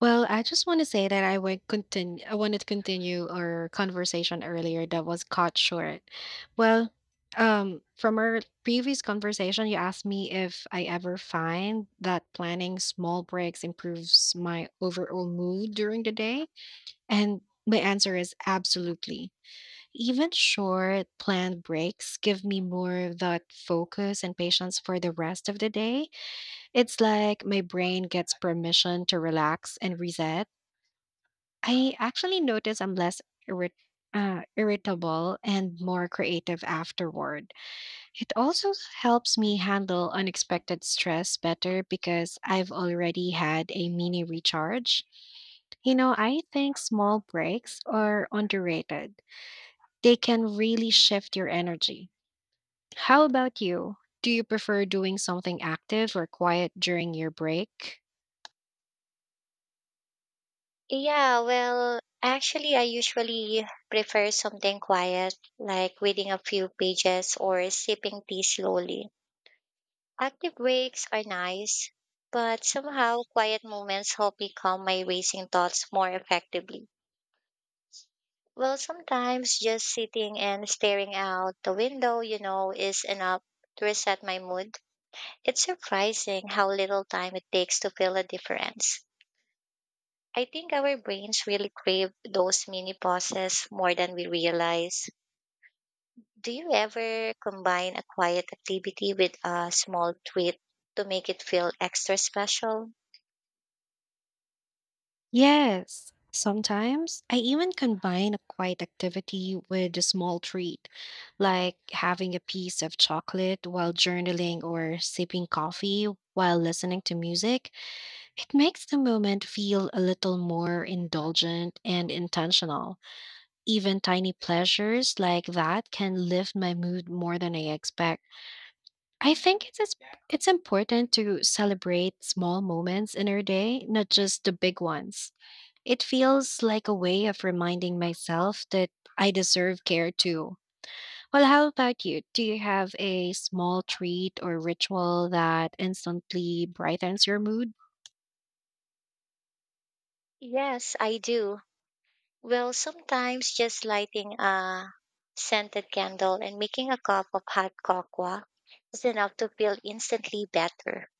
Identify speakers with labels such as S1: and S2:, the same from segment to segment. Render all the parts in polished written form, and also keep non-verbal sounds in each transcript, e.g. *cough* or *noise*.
S1: Well, I just want to say that I would continue. I wanted to continue our conversation earlier that was cut short. Well, from our previous conversation, you asked me if I ever find that planning small breaks improves my overall mood during the day, and my answer is absolutely. Even short planned breaks give me more of that focus and patience for the rest of the day. It's like my brain gets permission to relax and reset. I actually notice I'm less irrit- irritable and more creative afterward. It also helps me handle unexpected stress better because I've already had a mini recharge. You know, I think small breaks are underrated. They can really shift your energy. How about you? Do you prefer doing something active or quiet during your break?
S2: Yeah, well, actually, I usually prefer something quiet, like reading a few pages or sipping tea slowly. Active breaks are nice, but somehow quiet moments help me calm my racing thoughts more effectively. Well, sometimes just sitting and staring out the window is enough to reset my mood. It's surprising how little time it takes to feel a difference. I think our brains really crave those mini pauses more than we realize. Do you ever combine a quiet activity with a small treat to make it feel extra special?
S1: Yes, sometimes I even combine a quiet activity with a small treat, like having a piece of chocolate while journaling or sipping coffee while listening to music. It makes the moment feel a little more indulgent and intentional. Even tiny pleasures like that can lift my mood more than I expect. I think it's important to celebrate small moments in our day, not just the big ones. It feels like a way of reminding myself that I deserve care too. Well, how about you? Do you have a small treat or ritual that instantly brightens your mood?
S2: Yes, I do. Well, sometimes just lighting a scented candle and making a cup of hot cocoa is enough to feel instantly better.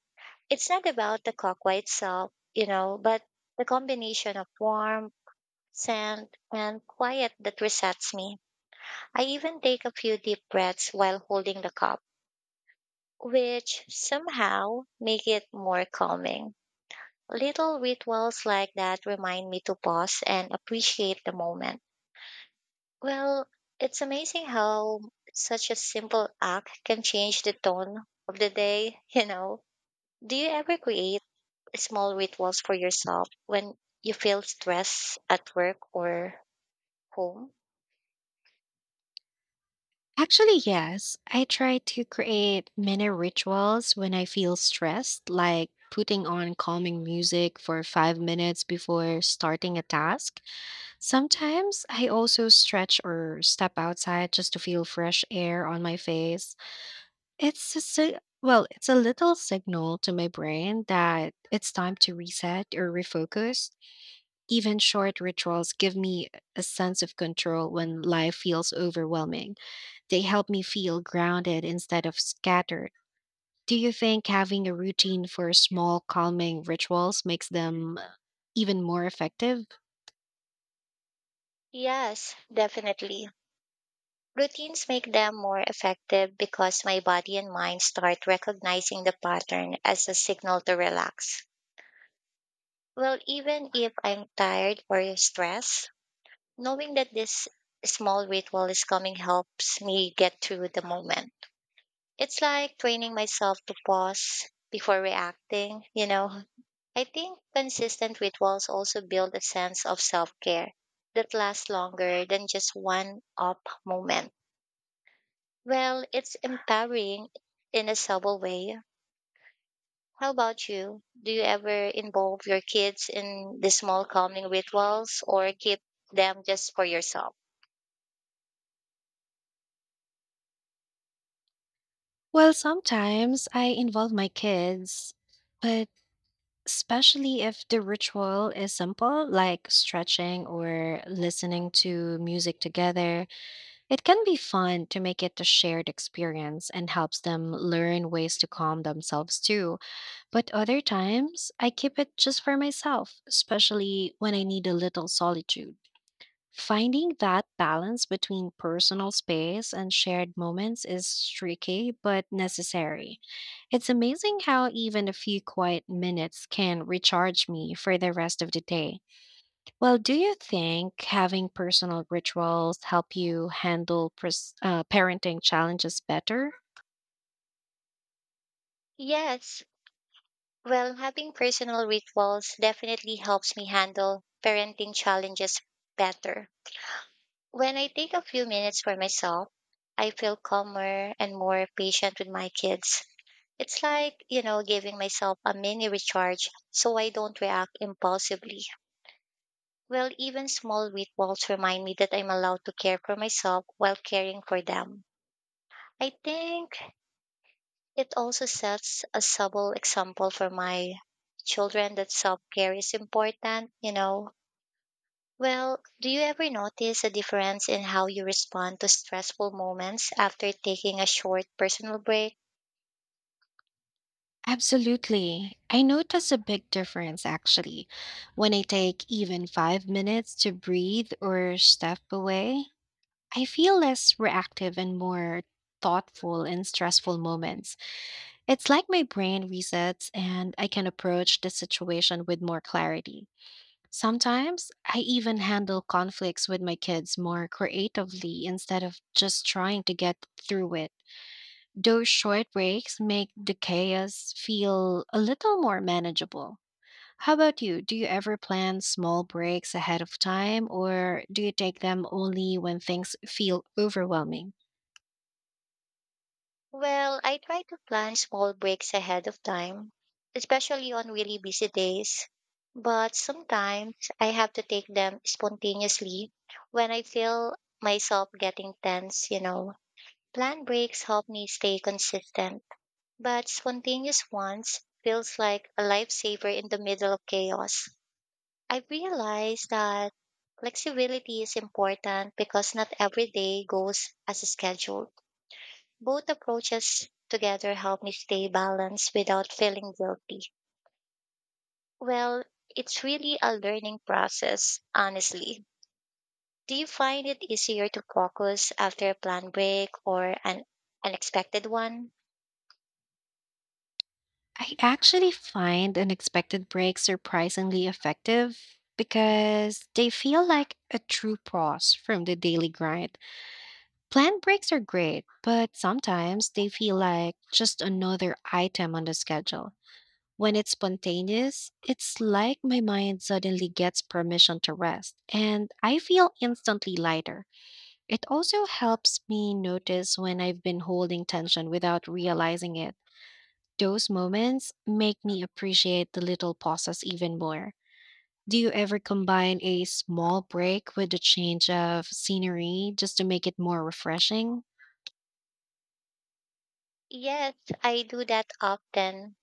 S2: It's not about the cocoa itself, but the combination of warmth, scent, and quiet that resets me. I even take a few deep breaths while holding the cup, which somehow make it more calming. Little rituals like that remind me to pause and appreciate the moment. Well, it's amazing how such a simple act can change the tone of the day. *laughs* Do you ever create small rituals for yourself when you feel stress at work or home?
S1: Actually, yes. I try to create mini rituals when I feel stressed, like putting on calming music for 5 minutes before starting a task. Sometimes I also stretch or step outside just to feel fresh air on my face. It's a si well, it's a little signal to my brain that it's time to reset or refocus. Even short rituals give me a sense of control when life feels overwhelming. They help me feel grounded instead of scattered. Do you think having a routine for small calming rituals makes them even more effective?
S2: Yes, definitely. Routines make them more effective because my body and mind start recognizing the pattern as a signal to relax. Well, even if I'm tired or stressed, knowing that this small ritual is coming helps me get through the moment. It's like training myself to pause before reacting. I think consistent rituals also build a sense of self care that lasts longer than just one up moment. Well, it's empowering in a subtle way. How about you? Do you ever involve your kids in the small calming rituals or keep them just for yourself?
S1: Well, sometimes I involve my kids, but especially if the ritual is simple, like stretching or listening to music together, it can be fun to make it a shared experience and helps them learn ways to calm themselves too. But other times, I keep it just for myself, especially when I need a little solitude. Finding that balance between personal space and shared moments is tricky but necessary. It's amazing how even a few quiet minutes can recharge me for the rest of the day. Well, do you think having personal rituals help you handle parenting challenges better?
S2: Yes. Well, having personal rituals definitely helps me handle parenting challenges better. When I take a few minutes for myself, I feel calmer and more patient with my kids. It's like, giving myself a mini recharge so I don't react impulsively. Well, even small weight remind me that I'm allowed to care for myself while caring for them. I think it also sets a subtle example for my children that self care is important. Well, do you ever notice a difference in how you respond to stressful moments after taking a short personal break?
S1: Absolutely. I notice a big difference actually when I take even 5 minutes to breathe or step away. I feel less reactive and more thoughtful in stressful moments. It's like my brain resets and I can approach the situation with more clarity. Sometimes I even handle conflicts with my kids more creatively instead of just trying to get through it. Those short breaks make the chaos feel a little more manageable. How about you? Do you ever plan small breaks ahead of time or do you take them only when things feel overwhelming?
S2: Well, I try to plan small breaks ahead of time, especially on really busy days. But sometimes I have to take them spontaneously when I feel myself getting tense. Plan breaks help me stay consistent, but spontaneous ones feels like a lifesaver in the middle of chaos. I realize that flexibility is important because not every day goes as scheduled. Both approaches together help me stay balanced without feeling guilty. Well, it's really a learning process, honestly. Do you find it easier to focus after a planned break or an unexpected one?
S1: I actually find unexpected breaks surprisingly effective because they feel like a true pause from the daily grind. Planned breaks are great, but sometimes they feel like just another item on the schedule. When it's spontaneous, it's like my mind suddenly gets permission to rest, and I feel instantly lighter. It also helps me notice when I've been holding tension without realizing it. Those moments make me appreciate the little pauses even more. Do you ever combine a small break with a change of scenery just to make it more refreshing?
S2: Yes, I do that often.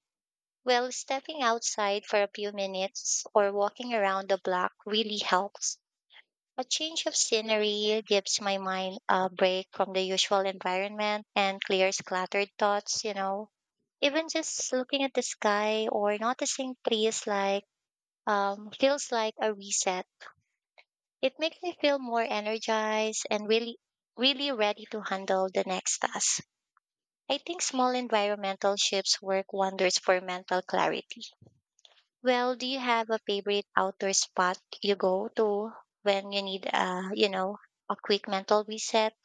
S2: Well, stepping outside for a few minutes or walking around the block really helps. A change of scenery gives my mind a break from the usual environment and clears cluttered thoughts. Even just looking at the sky or noticing trees like feels like a reset. It makes me feel more energized and really ready to handle the next task. I think small environmental shifts work wonders for mental clarity. Well, do you have a favorite outdoor spot you go to when you need a quick mental reset?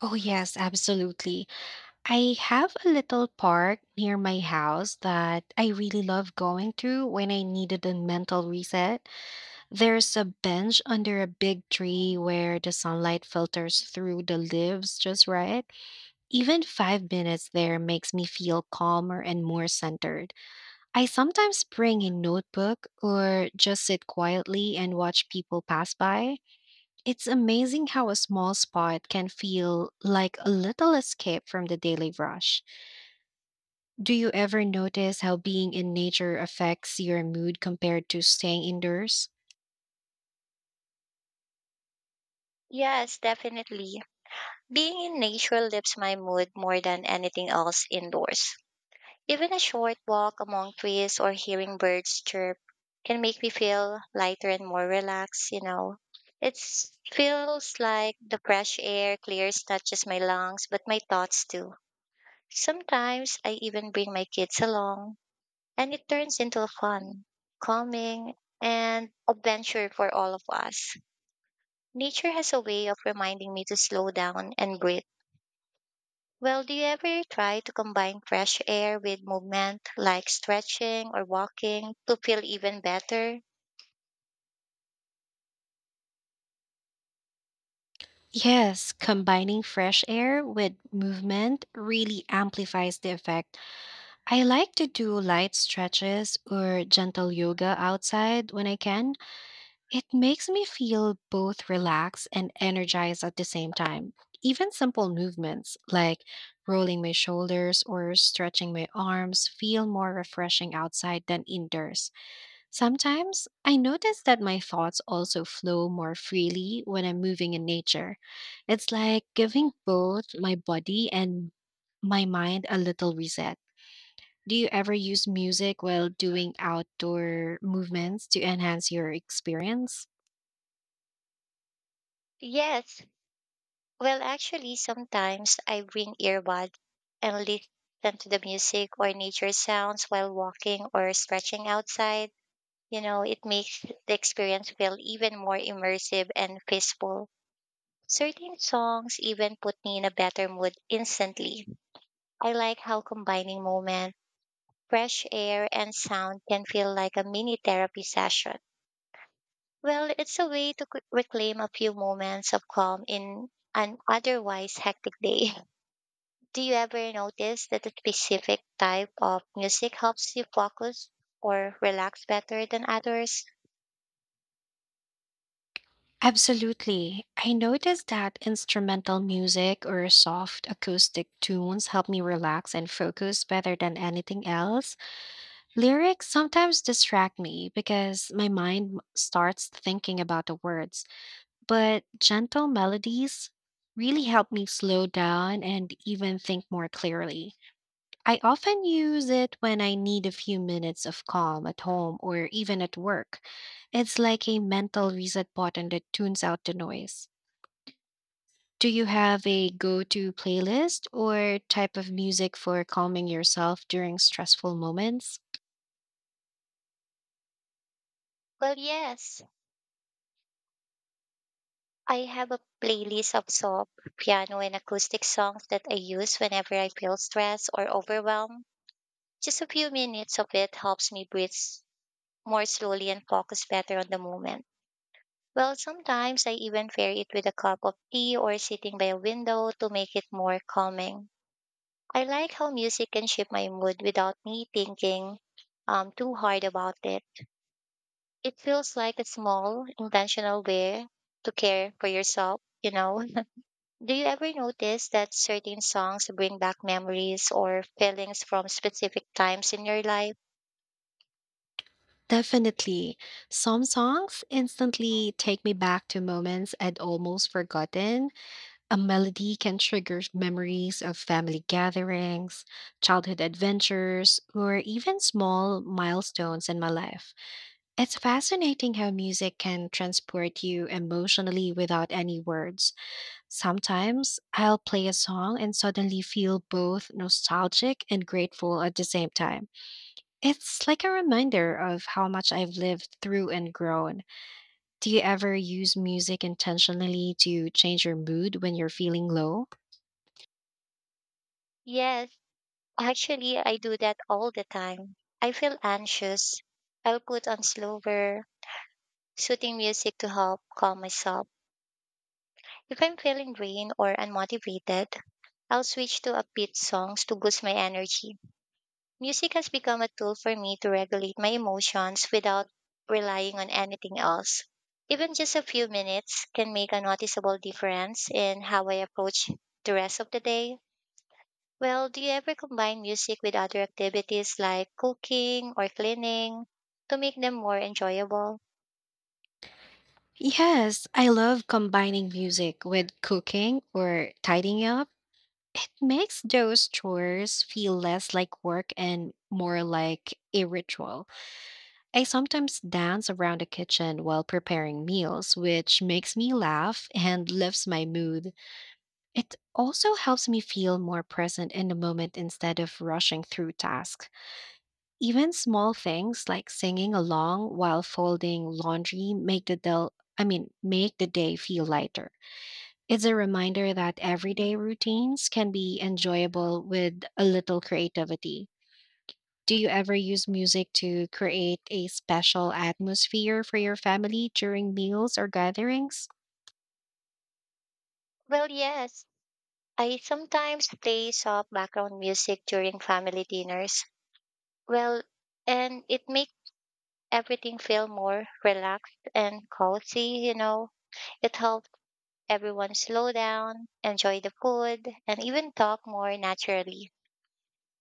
S1: Oh, yes, absolutely. I have a little park near my house that I really love going to when I needed a mental reset. There's a bench under a big tree where the sunlight filters through the leaves just right. Even 5 minutes there makes me feel calmer and more centered. I sometimes bring a notebook or just sit quietly and watch people pass by. It's amazing how a small spot can feel like a little escape from the daily rush. Do you ever notice how being in nature affects your mood compared to staying indoors?
S2: Yes, definitely. Being in nature lifts my mood more than anything else indoors. Even a short walk among trees or hearing birds chirp can make me feel lighter and more relaxed. It feels like the fresh air clears not just my lungs, but my thoughts too. Sometimes I even bring my kids along and it turns into fun, calming, and adventure for all of us. Nature has a way of reminding me to slow down and breathe. Well, do you ever try to combine fresh air with movement like stretching or walking to feel even better?
S1: Yes, combining fresh air with movement really amplifies the effect. I like to do light stretches or gentle yoga outside when I can. It makes me feel both relaxed and energized at the same time. Even simple movements like rolling my shoulders or stretching my arms feel more refreshing outside than indoors. Sometimes I notice that my thoughts also flow more freely when I'm moving in nature. It's like giving both my body and my mind a little reset. Do you ever use music while doing outdoor movements to enhance your experience?
S2: Yes. Well, actually, sometimes I bring earbuds and listen to the music or nature sounds while walking or stretching outside. It makes the experience feel even more immersive and peaceful. Certain songs even put me in a better mood instantly. I like how combining moment, fresh air, and sound can feel like a mini therapy session. Well, it's a way to reclaim a few moments of calm in an otherwise hectic day. *laughs* Do you ever notice that a specific type of music helps you focus or relax better than others?
S1: Absolutely. I noticed that instrumental music or soft acoustic tunes help me relax and focus better than anything else. Lyrics sometimes distract me because my starts thinking about the words, but gentle melodies really help me slow down and even think more clearly. I often use it when I need a few minutes of calm at home or even at work. It's like a mental reset button that tunes out the noise. Do you have a go to playlist or type of music for calming yourself during stressful moments?
S2: Well, yes. I have a playlist of soft, piano, and acoustic songs that I use whenever I feel stressed or overwhelmed. Just a few minutes of it helps me breathe more slowly and focus better on the moment. Well, sometimes I even pair it with a cup of tea or sitting by a window to make it more calming. I like how music can shape my mood without me thinking too hard about it. It feels like a small, intentional way to care for yourself? Do you ever notice that certain songs bring back memories or feelings from specific times in your life?
S1: Definitely. Some songs instantly take me back to moments I'd almost forgotten. A melody can trigger memories of family gatherings, childhood adventures, or even small milestones in my life. It's fascinating how music can transport you emotionally without any words. Sometimes I'll play a song and suddenly feel both nostalgic and grateful at the same time. It's like a reminder of how much I've lived through and grown. Do you ever use music intentionally to change your mood when you're feeling low?
S2: Yes, actually, I do that all the time. I feel anxious. I'll put on slower, soothing music to help calm myself. If I'm feeling drained or unmotivated, I'll switch to upbeat songs to boost my energy. Music has become a tool for me to regulate my emotions without relying on anything else. Even just a few minutes can make a noticeable difference in how I approach the rest of the day. Well, do you ever combine music with other activities like cooking or cleaning to make them more enjoyable?
S1: Yes, I love combining music with cooking or tidying up. It makes those chores feel less like work and more like a ritual. I sometimes dance around the kitchen while preparing meals, which makes me laugh and lifts my mood. It also helps me feel more present in the moment instead of rushing through tasks. Even small things like singing along while folding laundry make the del- I mean, make the day feel lighter. It's a reminder that everyday routines can be enjoyable with a little creativity. Do you ever use music to create a special atmosphere for your family during meals or gatherings?
S2: Well, yes. I sometimes play soft background music during family dinners. Well, and it makes everything feel more relaxed and cozy. It helped everyone slow down, enjoy the food, and even talk more naturally.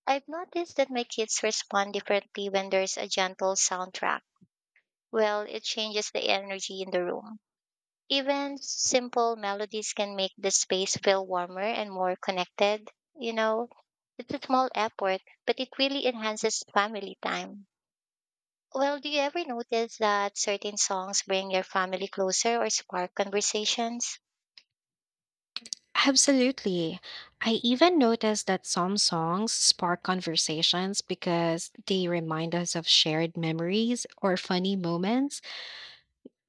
S2: I've noticed that my kids respond differently when there's a gentle soundtrack. Well, it changes the energy in the room. Even simple melodies can make the space feel warmer and more connected. You know, it's a small effort, but it really enhances family time. Well, do you ever notice that certain songs bring your family closer or spark conversations?
S1: Absolutely. I even noticed that some songs spark conversations because they remind us of shared memories or funny moments.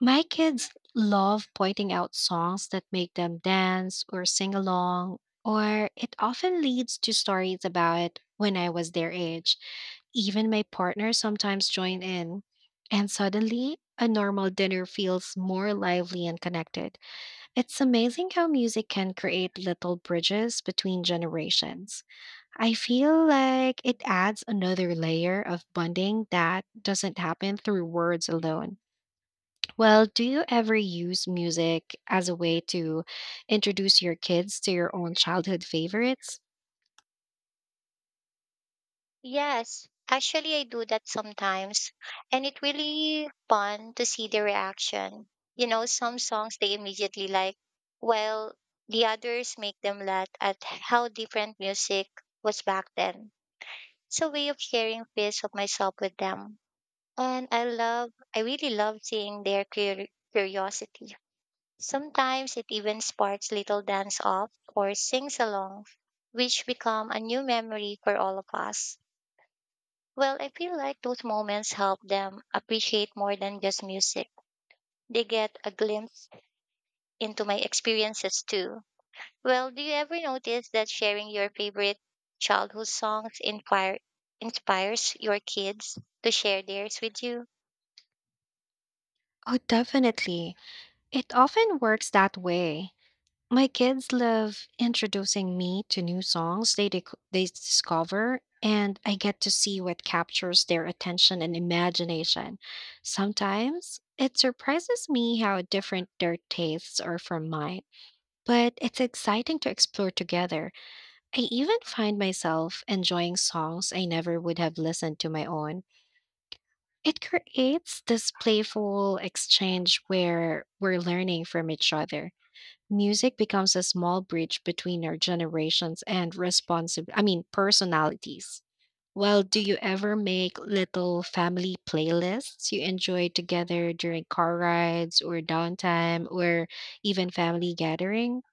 S1: My kids love pointing out songs that make them dance or sing along, or it often leads to stories about when I was their age. Even my partner sometimes join in, and suddenly a normal dinner feels more lively and connected. It's amazing how music can create little bridges between generations. I feel like it adds another layer of bonding that doesn't happen through words alone. Well, do you ever use music as a way to introduce your kids to your own childhood favorites?
S2: Yes, actually, I do that sometimes, and it really fun to see the reaction. Some songs they immediately like, while the others make them laugh at how different music was back then. It's a way of sharing piece of myself with them, and I really love seeing their curiosity. Sometimes it even sparks little dance off or sings along, which become a new memory for all of us. Well, I feel like those moments help them appreciate more than just music. They get a glimpse into my experiences too. Well, do you ever notice that sharing your favorite childhood songs inspires your kids to share theirs with you?
S1: Oh, definitely. It often works that way. My kids love introducing me to new songs they discover, and I get to see what captures their attention and imagination. Sometimes it surprises me how different their tastes are from mine, but it's exciting to explore together. I even find myself enjoying songs I never would have listened to my own. It creates this playful exchange where we're learning from each other. Music becomes a small bridge between our generations and personalities. Well, do you ever make little family playlists you enjoy together during car rides or downtime or even family gatherings?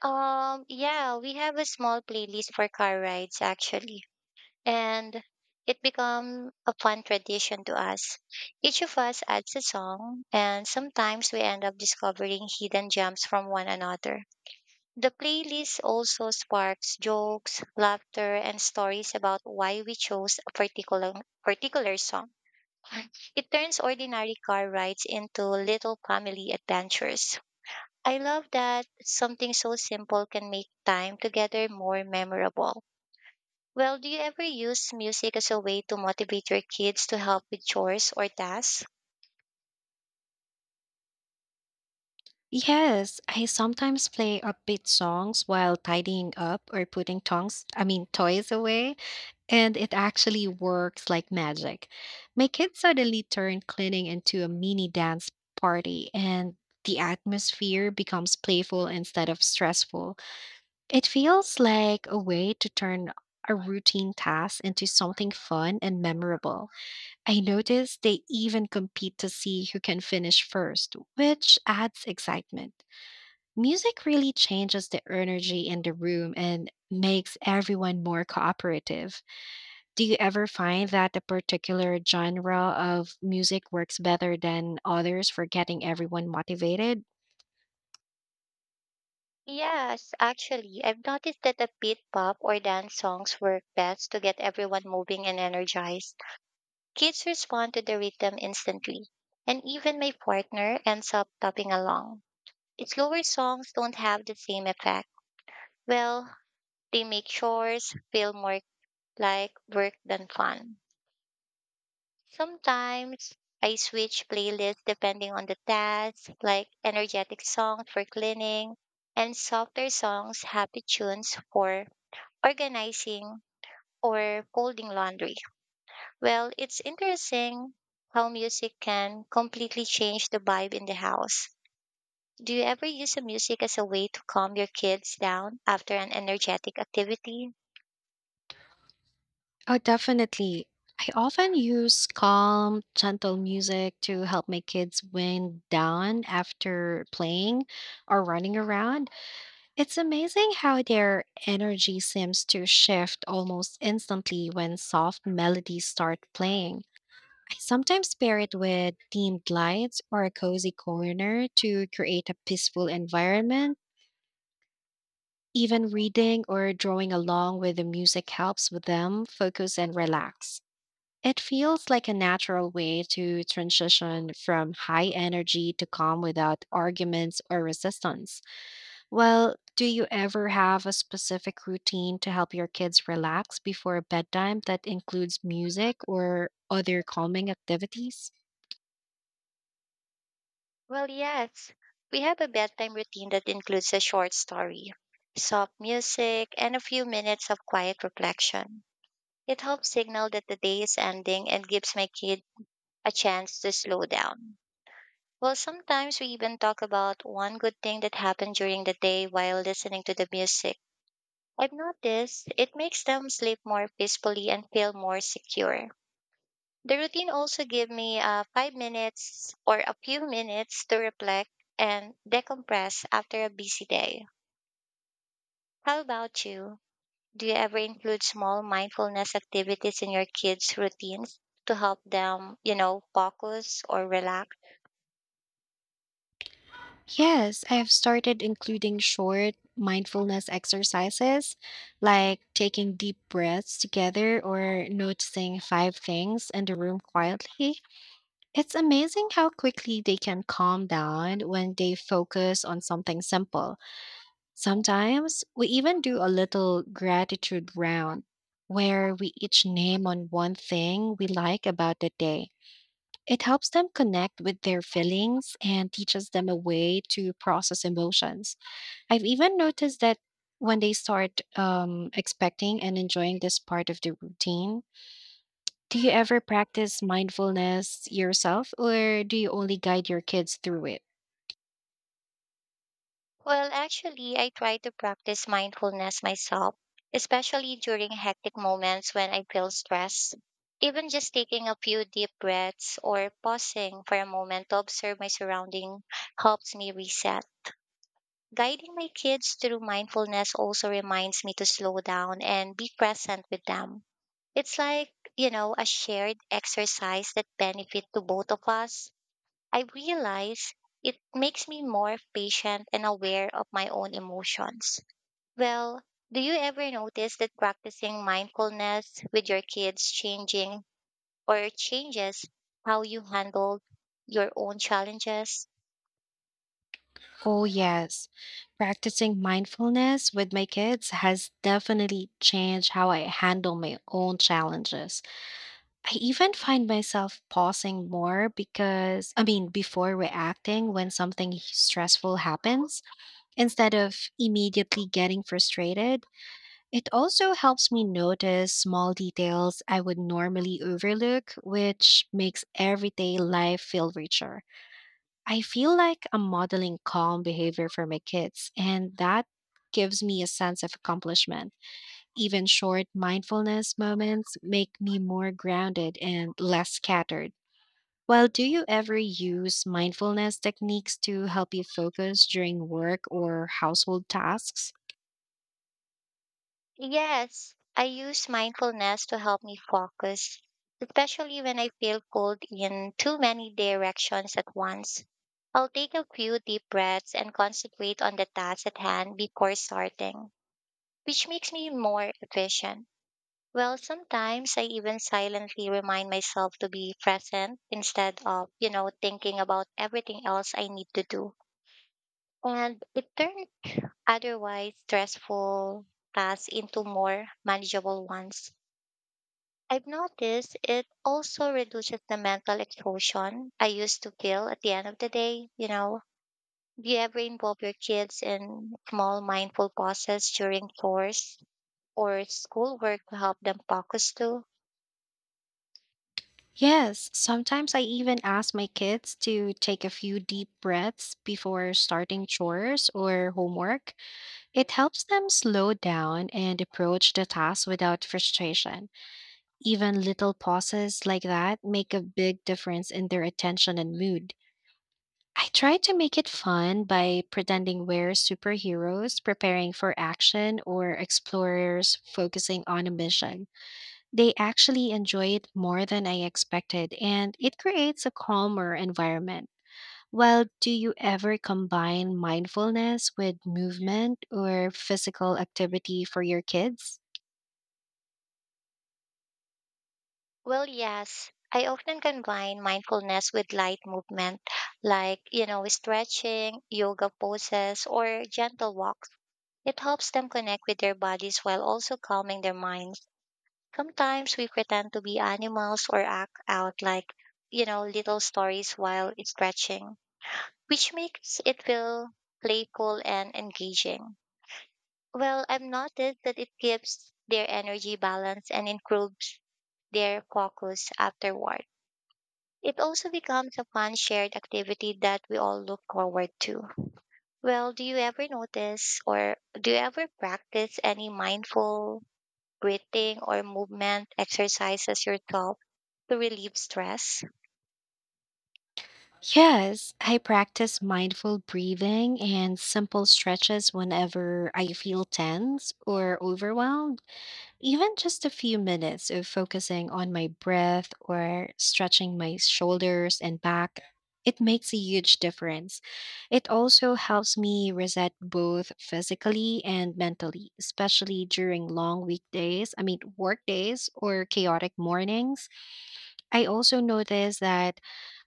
S2: Yeah, we have a small playlist for car rides actually, and it become a fun tradition to us. Each of us adds a song, and sometimes we end up discovering hidden gems from one another. The playlist also sparks jokes, laughter, and stories about why we chose a particular song. It turns ordinary car rides into little family adventures. I love that something so simple can make time together more memorable. Well, do you ever use music as a way to motivate your kids to help with chores or tasks?
S1: Yes, I sometimes play upbeat songs while tidying up or putting tongs, I mean toys away, and it actually works like magic. My kids suddenly turned cleaning into a mini dance party and the atmosphere becomes playful instead of stressful. It feels like a way to turn a routine task into something fun and memorable. I noticed they even compete to see who can finish first, which adds excitement. Music really changes the energy in the room and makes everyone more cooperative. Do you ever find that a particular genre of music works better than others for getting everyone motivated?
S2: Yes, actually, I've noticed that the beat pop or dance songs work best to get everyone moving and energized. Kids respond to the rhythm instantly, and even my partner ends up tapping along. Slower songs don't have the same effect. Well, they make chores feel more like work than fun. Sometimes I switch playlists depending on the task, like energetic songs for cleaning and softer songs, happy tunes for organizing or folding laundry. Well, it's interesting how music can completely change the vibe in the house. Do you ever use the music as a way to calm your kids down after an energetic activity?
S1: Oh, definitely. I often use calm, gentle music to help my kids wind down after playing or running around. It's amazing how their energy seems to shift almost instantly when soft melodies start playing. I sometimes pair it with themed lights or a cozy corner to create a peaceful environment. Even reading or drawing along with the music helps with them focus and relax. It feels like a natural way to transition from high energy to calm without arguments or resistance. Well, do you ever have a specific routine to help your kids relax before bedtime that includes music or other calming activities?
S2: Well, yes. We have a bedtime routine that includes a short story, soft music, and a few minutes of quiet reflection. It helps signal that the day is ending and gives my kid a chance to slow down. Well, sometimes we even talk about one good thing that happened during the day while listening to the music. I've noticed it makes them sleep more peacefully and feel more secure. The routine also gives me 5 minutes or a few minutes to reflect and decompress after a busy day. How about you? Do you ever include small mindfulness activities in your kids' routines to help them, focus or relax?
S1: Yes, I have started including short mindfulness exercises like taking deep breaths together or noticing five things in the room quietly. It's amazing how quickly they can calm down when they focus on something simple. Sometimes we even do a little gratitude round where we each name on one thing we like about the day. It helps them connect with their feelings and teaches them a way to process emotions. I've even noticed that when they start expecting and enjoying this part of the routine, do you ever practice mindfulness yourself, or do you only guide your kids through it?
S2: Well, actually, I try to practice mindfulness myself, especially during hectic moments when I feel stressed. Even just taking a few deep breaths or pausing for a moment to observe my surrounding helps me reset. Guiding my kids through mindfulness also reminds me to slow down and be present with them. It's like, a shared exercise that benefit to both of us. I realize it makes me more patient and aware of my own emotions. Well, do you ever notice that practicing mindfulness with your kids changing or changes how you handle your own challenges?
S1: Oh, yes. Practicing mindfulness with my kids has definitely changed how I handle my own challenges. I even find myself pausing more because, I mean, before reacting when something stressful happens, instead of immediately getting frustrated. It also helps me notice small details I would normally overlook, which makes everyday life feel richer. I feel like I'm modeling calm behavior for my kids, and that gives me a sense of accomplishment. Even short mindfulness moments make me more grounded and less scattered. Well, do you ever use mindfulness techniques to help you focus during work or household tasks?
S2: Yes, I use mindfulness to help me focus, especially when I feel pulled in too many directions at once. I'll take a few deep breaths and concentrate on the task at hand before starting, which makes me more efficient. Well, sometimes I even silently remind myself to be present instead of, thinking about everything else I need to do. And it turned otherwise stressful tasks into more manageable ones. I've noticed it also reduces the mental exhaustion I used to feel at the end of the day, do you ever involve your kids in small mindful pauses during chores? Or schoolwork to help them focus too?
S1: Yes, sometimes I even ask my kids to take a few deep breaths before starting chores or homework. It helps them slow down and approach the task without frustration. Even little pauses like that make a big difference in their attention and mood. I try to make it fun by pretending we're superheroes preparing for action or explorers focusing on a mission. They actually enjoy it more than I expected, and it creates a calmer environment. Well, do you ever combine mindfulness with movement or physical activity for your kids?
S2: Well, yes. I often combine mindfulness with light movement, like, you know, stretching, yoga poses, or gentle walks. It helps them connect with their bodies while also calming their minds. Sometimes we pretend to be animals or act out like, you know, little stories while stretching, which makes it feel playful and engaging. Well, I've noticed that it gives their energy balance and improves their focus afterward. It also becomes a fun shared activity that we all look forward to. Well, do you ever notice or do you ever practice any mindful breathing or movement exercises yourself to relieve stress?
S1: Yes, I practice mindful breathing and simple stretches whenever I feel tense or overwhelmed. Even just a few minutes of focusing on my breath or stretching my shoulders and back, it makes a huge difference. It also helps me reset both physically and mentally, especially during long weekdays, I mean, work days or chaotic mornings. I also notice that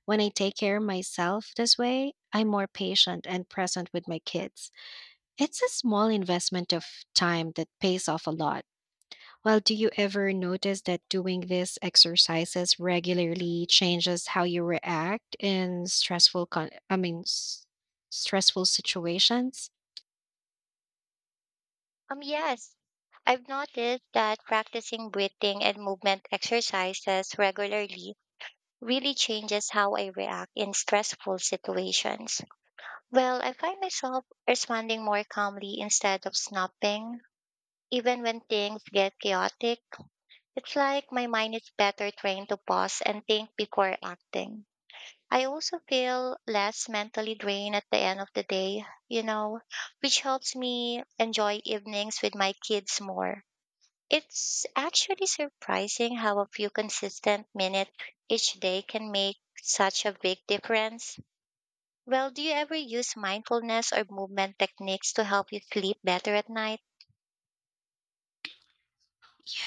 S1: when I take care of myself this way, I'm more patient and present with my kids. It's a small investment of time that pays off a lot. Well, do you ever notice that doing these exercises regularly changes how you react in stressful I mean stressful situations?
S2: Yes. I've noticed that practicing breathing and movement exercises regularly really changes how I react in stressful situations. Well, I find myself responding more calmly instead of snapping. Even when things get chaotic, it's like my mind is better trained to pause and think before acting. I also feel less mentally drained at the end of the day, you know, which helps me enjoy evenings with my kids more. It's actually surprising how a few consistent minutes each day can make such a big difference. Well, do you ever use mindfulness or movement techniques to help you sleep better at night?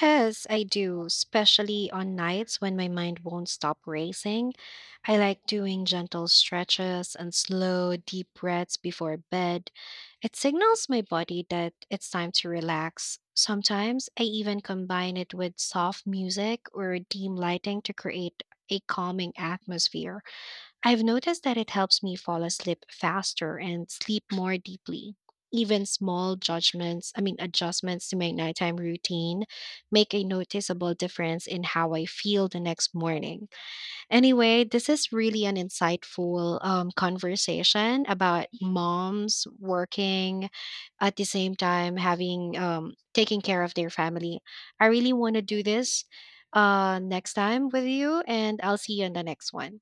S1: Yes, I do, especially on nights when my mind won't stop racing. I like doing gentle stretches and slow, deep breaths before bed. It signals my body that it's time to relax. Sometimes I even combine it with soft music or dim lighting to create a calming atmosphere. I've noticed that it helps me fall asleep faster and sleep more deeply. Even small judgments, I mean, adjustments to my nighttime routine make a noticeable difference in how I feel the next morning. Anyway, this is really an insightful conversation about moms working at the same time having taking care of their family. I really want to do this next time with you, and I'll see you in the next one.